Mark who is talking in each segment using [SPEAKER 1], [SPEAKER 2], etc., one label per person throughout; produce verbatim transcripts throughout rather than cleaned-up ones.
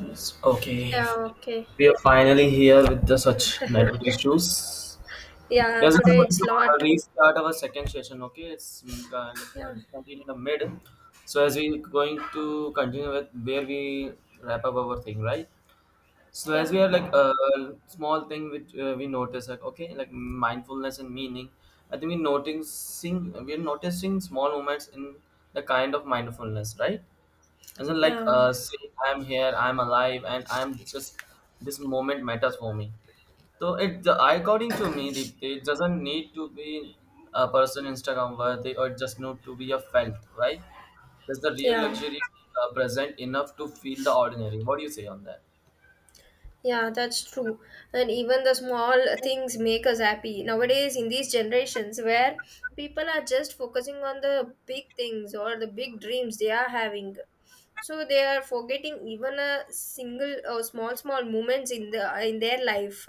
[SPEAKER 1] Yes, okay.
[SPEAKER 2] Yeah, okay.
[SPEAKER 1] We are finally here with the such network issues.
[SPEAKER 2] Yeah,
[SPEAKER 1] Yes, I'm
[SPEAKER 2] today
[SPEAKER 1] going
[SPEAKER 2] it's
[SPEAKER 1] to uh,
[SPEAKER 2] lot.
[SPEAKER 1] restart our second session. Okay, it's mm, kind of, uh,
[SPEAKER 2] Yeah,
[SPEAKER 1] discontinued in the mid. So as we going to continue with where we wrap up our thing, right? So as we
[SPEAKER 2] yeah,
[SPEAKER 1] are like a small thing which uh, we notice, like okay, like mindfulness and meaning. I think we noticing we are noticing small moments in the kind of mindfulness, right? Isn't like
[SPEAKER 2] yeah,
[SPEAKER 1] uh, saying I'm here, I'm alive, and I'm just this moment matters for me. So it, the, according to me, the, it doesn't need to be a person Instagram worthy or just need to be a felt, right? That's the real
[SPEAKER 2] yeah,
[SPEAKER 1] luxury, uh, present enough to feel the ordinary? What do you say on that?
[SPEAKER 2] yeah, that's true. And even the small things make us happy. Nowadays, in these generations where people are just focusing on the big things or the big dreams they are having. So they are forgetting even a single or small small moments in the in their life.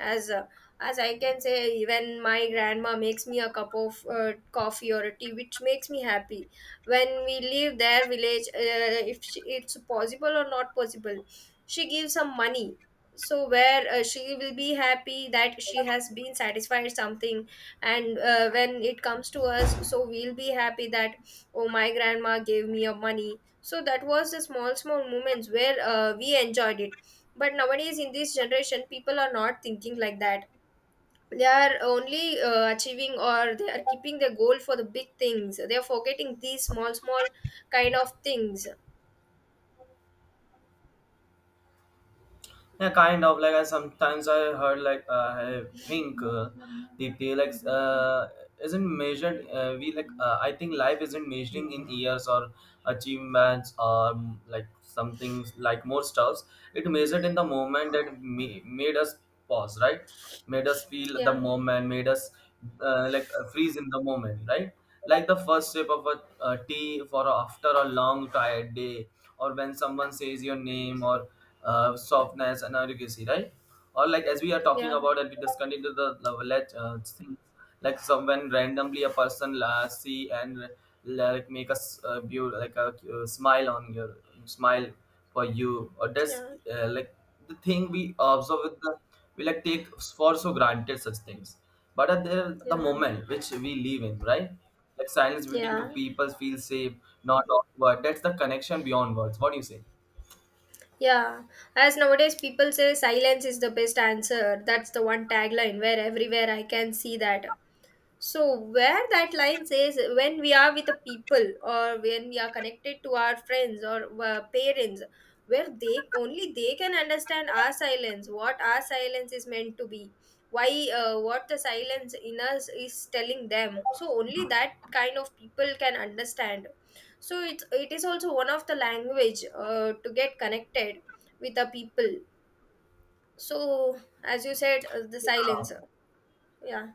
[SPEAKER 2] as uh, as I can say, even my grandma makes me a cup of uh, coffee or a tea which makes me happy when we leave their village, uh, if she, it's possible or not possible, she gives some money. So where uh, she will be happy that she has been satisfied something. And uh, when it comes to us, so we'll be happy that, oh, my grandma gave me a money, so that was the small small moments where uh, we enjoyed it. But nowadays in this generation people are not thinking like that. They are only uh, achieving, or they are keeping their goal for the big things. They are forgetting these small small kind of things.
[SPEAKER 1] Yeah, kind of like I sometimes I heard like uh, I think uh, the pay like uh, isn't measured. Uh, we like uh, I think life isn't measuring in years or achievements or um, like something like more stuffs. It measured in the moment that ma- made us pause, right? Made us feel the
[SPEAKER 2] Yeah,
[SPEAKER 1] moment made us uh, like uh, freeze in the moment, right? Like the first sip of a uh, tea for after a long tired day, or when someone says your name, or uh, softness and delicacy, right? Or like as we are talking
[SPEAKER 2] yeah,
[SPEAKER 1] about and we discontinue the the let uh, things like some when randomly a person uh, see and like make us uh, beau- like a uh, smile on your smile for you, or that's
[SPEAKER 2] yeah,
[SPEAKER 1] uh, like the thing we observe with the, we like take for so granted such things, but at the, the
[SPEAKER 2] yeah,
[SPEAKER 1] moment which we live in, right? Like silence between two
[SPEAKER 2] yeah,
[SPEAKER 1] people feel safe, not awkward. That's the connection beyond words. What do you say?
[SPEAKER 2] yeah. As nowadays people say, silence is the best answer. That's the one tagline where everywhere I can see that. So where that line says, when we are with the people or when we are connected to our friends or uh, parents, where they only they can understand our silence, what our silence is meant to be, why uh, what the silence in us is telling them. So only that kind of people can understand. So it's it is also one of the language uh, to get connected with the people. So, as you said, uh, the silence. Yeah,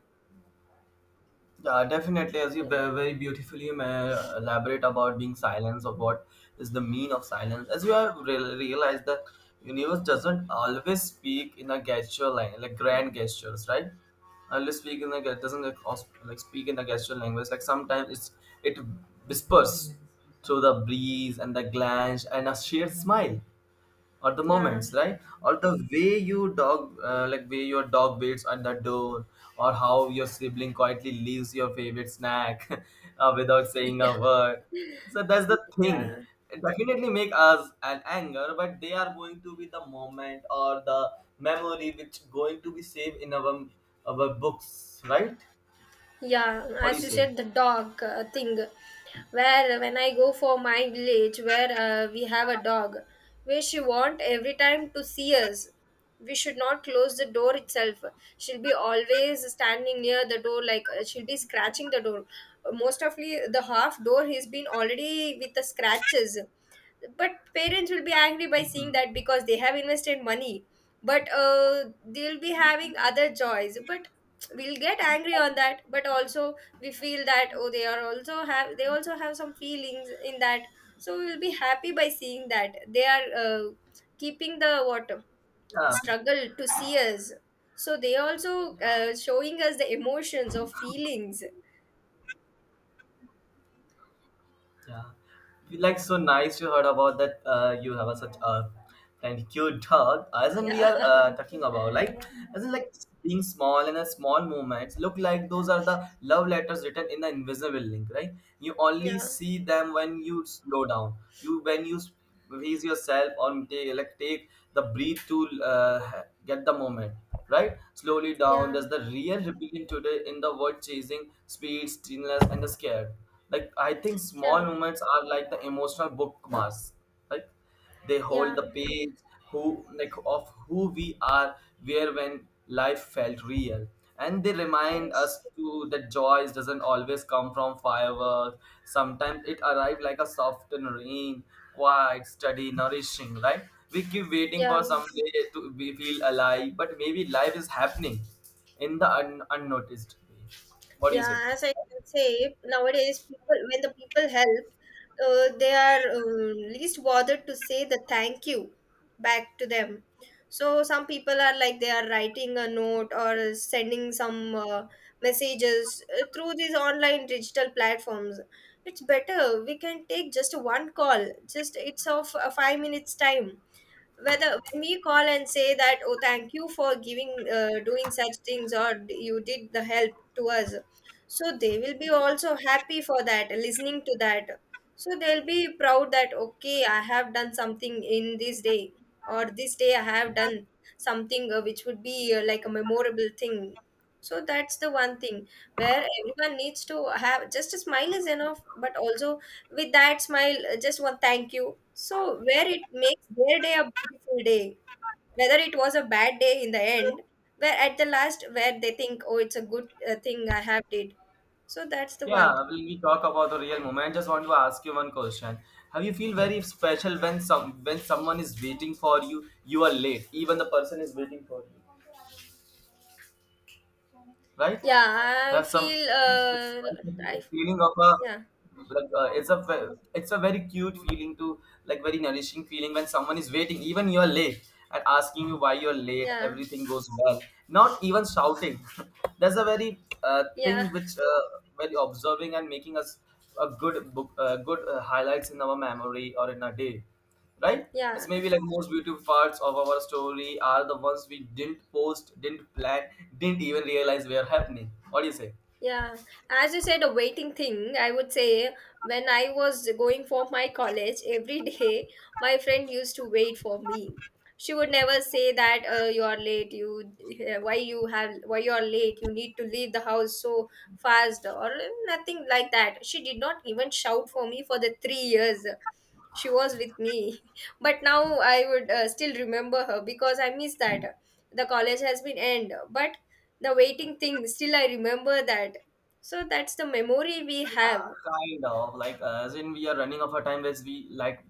[SPEAKER 1] Yeah, definitely. As you
[SPEAKER 2] yeah,
[SPEAKER 1] very, very beautifully ma- elaborate about being silence or what is the mean of silence, as you have re- realized that universe doesn't always speak in a gesture line, like grand gestures, right? Always speak in a ge- doesn't like, aus- like speak in a gesture language. Like sometimes it's it whispers through the breeze and the glance and a sheer smile, or the
[SPEAKER 2] yeah.
[SPEAKER 1] moments, right? Or the way you dog, uh, like way your dog waits on the door, or how your sibling quietly leaves your favorite snack uh, without saying a
[SPEAKER 2] Yeah,
[SPEAKER 1] word. So that's the thing.
[SPEAKER 2] yeah,
[SPEAKER 1] It definitely make us an anger, but they are going to be the moment or the memory which going to be saved in our our books, right?
[SPEAKER 2] yeah.
[SPEAKER 1] What do you
[SPEAKER 2] As you
[SPEAKER 1] say?
[SPEAKER 2] said, the dog uh, thing, where when I go for my village, where uh, we have a dog, where she want every time to see us. We should not close the door itself. She'll be always standing near the door, like, uh, she'll be scratching the door. Most ofly, the half door has been already with the scratches. But parents will be angry by seeing that because they have invested money. But uh, they'll be having other joys. But we'll get angry on that. But also, we feel that, oh, they are also have they also have some feelings in that. So we'll be happy by seeing that they are uh, keeping the what,
[SPEAKER 1] Yeah,
[SPEAKER 2] struggle to see us. So they also uh,
[SPEAKER 1] yeah.
[SPEAKER 2] showing us the emotions or feelings.
[SPEAKER 1] Yeah, like so nice you heard about that. Uh, you have a such a and cute dog. As in we
[SPEAKER 2] Yeah,
[SPEAKER 1] are uh, talking about like as in like being small and a small movements look like those are the love letters written in the invisible link, right? You only
[SPEAKER 2] yeah,
[SPEAKER 1] see them when you slow down. You when you release yourself on take like take the breathe to uh, get the moment, right? Slowly down
[SPEAKER 2] yeah,
[SPEAKER 1] there's the real rebellion today in the world chasing speed stillness and the scared, like I think small
[SPEAKER 2] yeah,
[SPEAKER 1] moments are like the emotional bookmarks, right? Like they hold
[SPEAKER 2] yeah,
[SPEAKER 1] the page who like of who we are, where when life felt real, and they remind
[SPEAKER 2] yes,
[SPEAKER 1] us too that joy doesn't always come from fireworks. Sometimes it arrives like a soft and rain, quiet steady nourishing, right? We keep waiting for
[SPEAKER 2] yeah.
[SPEAKER 1] some day to we feel alive, but maybe life is happening in the un- unnoticed way. What do you say?
[SPEAKER 2] Yeah, as I can say, nowadays, people when the people help, uh, they are um, least bothered to say the thank you back to them. So some people are like, they are writing a note or sending some uh, messages uh, through these online digital platforms. It's better we can take just one call. Just it's of a five minutes time, whether when we call and say that, oh, thank you for giving, uh, doing such things, or d- you did the help to us. So they will be also happy for that, listening to that. So they'll be proud that, okay, I have done something in this day, or this day I have done something uh, which would be uh, like a memorable thing. So that's the one thing where everyone needs to have just a smile is enough. But also, with that smile, uh, just one thank you. So where it makes their day a beautiful day, whether it was a bad day in the end, where at the last, where they think, oh, it's a good uh, thing I have did. So that's the one.
[SPEAKER 1] Yeah, when we talk about the real moment, just want to ask you one question. Have you feel very special when some when someone is waiting for you, you are late, even the person is waiting for you? Right?
[SPEAKER 2] Yeah, I
[SPEAKER 1] Have some
[SPEAKER 2] feel,
[SPEAKER 1] the
[SPEAKER 2] uh, I,
[SPEAKER 1] feeling of a
[SPEAKER 2] yeah,
[SPEAKER 1] like uh, it's a ve- it's a very cute feeling to like very nourishing feeling when someone is waiting, even you're late and asking you why you're late.
[SPEAKER 2] yeah,
[SPEAKER 1] Everything goes well, not even shouting. That's a very uh, thing
[SPEAKER 2] yeah,
[SPEAKER 1] which uh, very observing and making us a good book, uh, good uh, highlights in our memory or in a day, right?
[SPEAKER 2] yeah.
[SPEAKER 1] It's maybe like most beautiful parts of our story are the ones we didn't post, didn't plan, didn't even realize were happening. What do you say?
[SPEAKER 2] Yeah, as you said, a waiting thing, I would say, when I was going for my college every day, my friend used to wait for me. She would never say that, uh, you are late, you, eh, why you have why you are late, you need to leave the house so fast, or nothing like that. She did not even shout for me for the three years she was with me. But now I would uh, still remember her because I miss that. The college has been end, but the waiting thing still I remember that. So that's the memory we
[SPEAKER 1] Yeah,
[SPEAKER 2] have.
[SPEAKER 1] kind of like uh, as in we are running out of our time as we like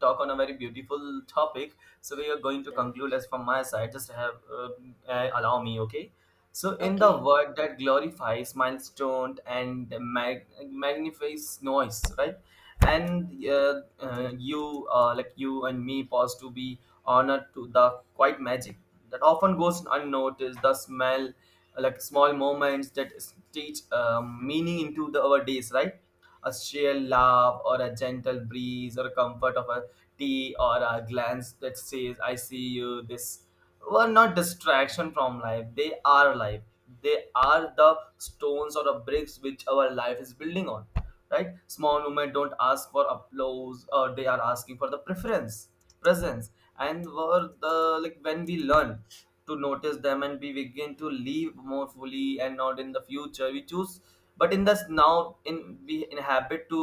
[SPEAKER 1] talk on a very beautiful topic, so we are going to
[SPEAKER 2] Yeah.
[SPEAKER 1] conclude as from my side just have uh, uh, allow me, okay? So in the
[SPEAKER 2] Okay.
[SPEAKER 1] word that glorifies milestone and mag- magnifies noise, right? And uh, uh, you uh, like you and me pause to be honored to the quiet magic that often goes unnoticed, the smell like small moments that stitch um, meaning into the, our days, right? A shared laugh or a gentle breeze or comfort of a tea or a glance that says, I see you. This were not distraction from life. They are life. They are the stones or the bricks which our life is building on. Right? Small movement don't ask for applause or they are asking for the preference, presence. And were the like when we learn to notice them and we begin to live more fully, and not in the future we choose but in this now in we inhabit to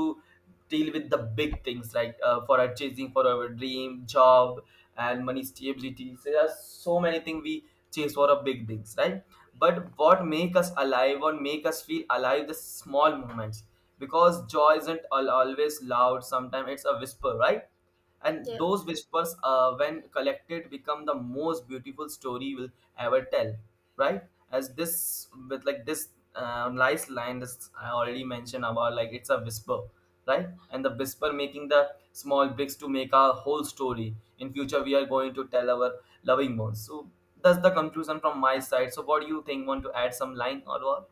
[SPEAKER 1] deal with the big things, like uh, for our chasing for our dream job and money stability. So there are so many things we chase for our big things, right? But what make us alive or make us feel alive, the small moments, because joy isn't al- always loud. Sometimes it's a whisper, right? And
[SPEAKER 2] Yeah,
[SPEAKER 1] those whispers, uh, when collected, become the most beautiful story we'll ever tell, right? As this with like this uh, nice line this I already mentioned about like it's a whisper, right? And the whisper making the small bricks to make our whole story in future we are going to tell our loving ones. So that's the conclusion from my side. So what do you think, want to add some line or what?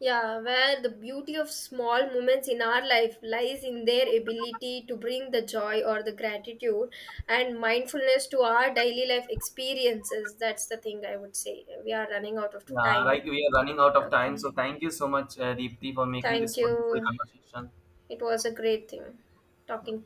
[SPEAKER 2] yeah, where the beauty of small moments in our life lies in their ability to bring the joy or the gratitude and mindfulness to our daily life experiences. That's the thing I would say. We are running out of
[SPEAKER 1] Yeah,
[SPEAKER 2] time.
[SPEAKER 1] right. We are running out of time,
[SPEAKER 2] Okay,
[SPEAKER 1] so thank you so much, uh, Deepti, for making
[SPEAKER 2] thank
[SPEAKER 1] this wonderful
[SPEAKER 2] you.
[SPEAKER 1] conversation.
[SPEAKER 2] It was a great thing talking to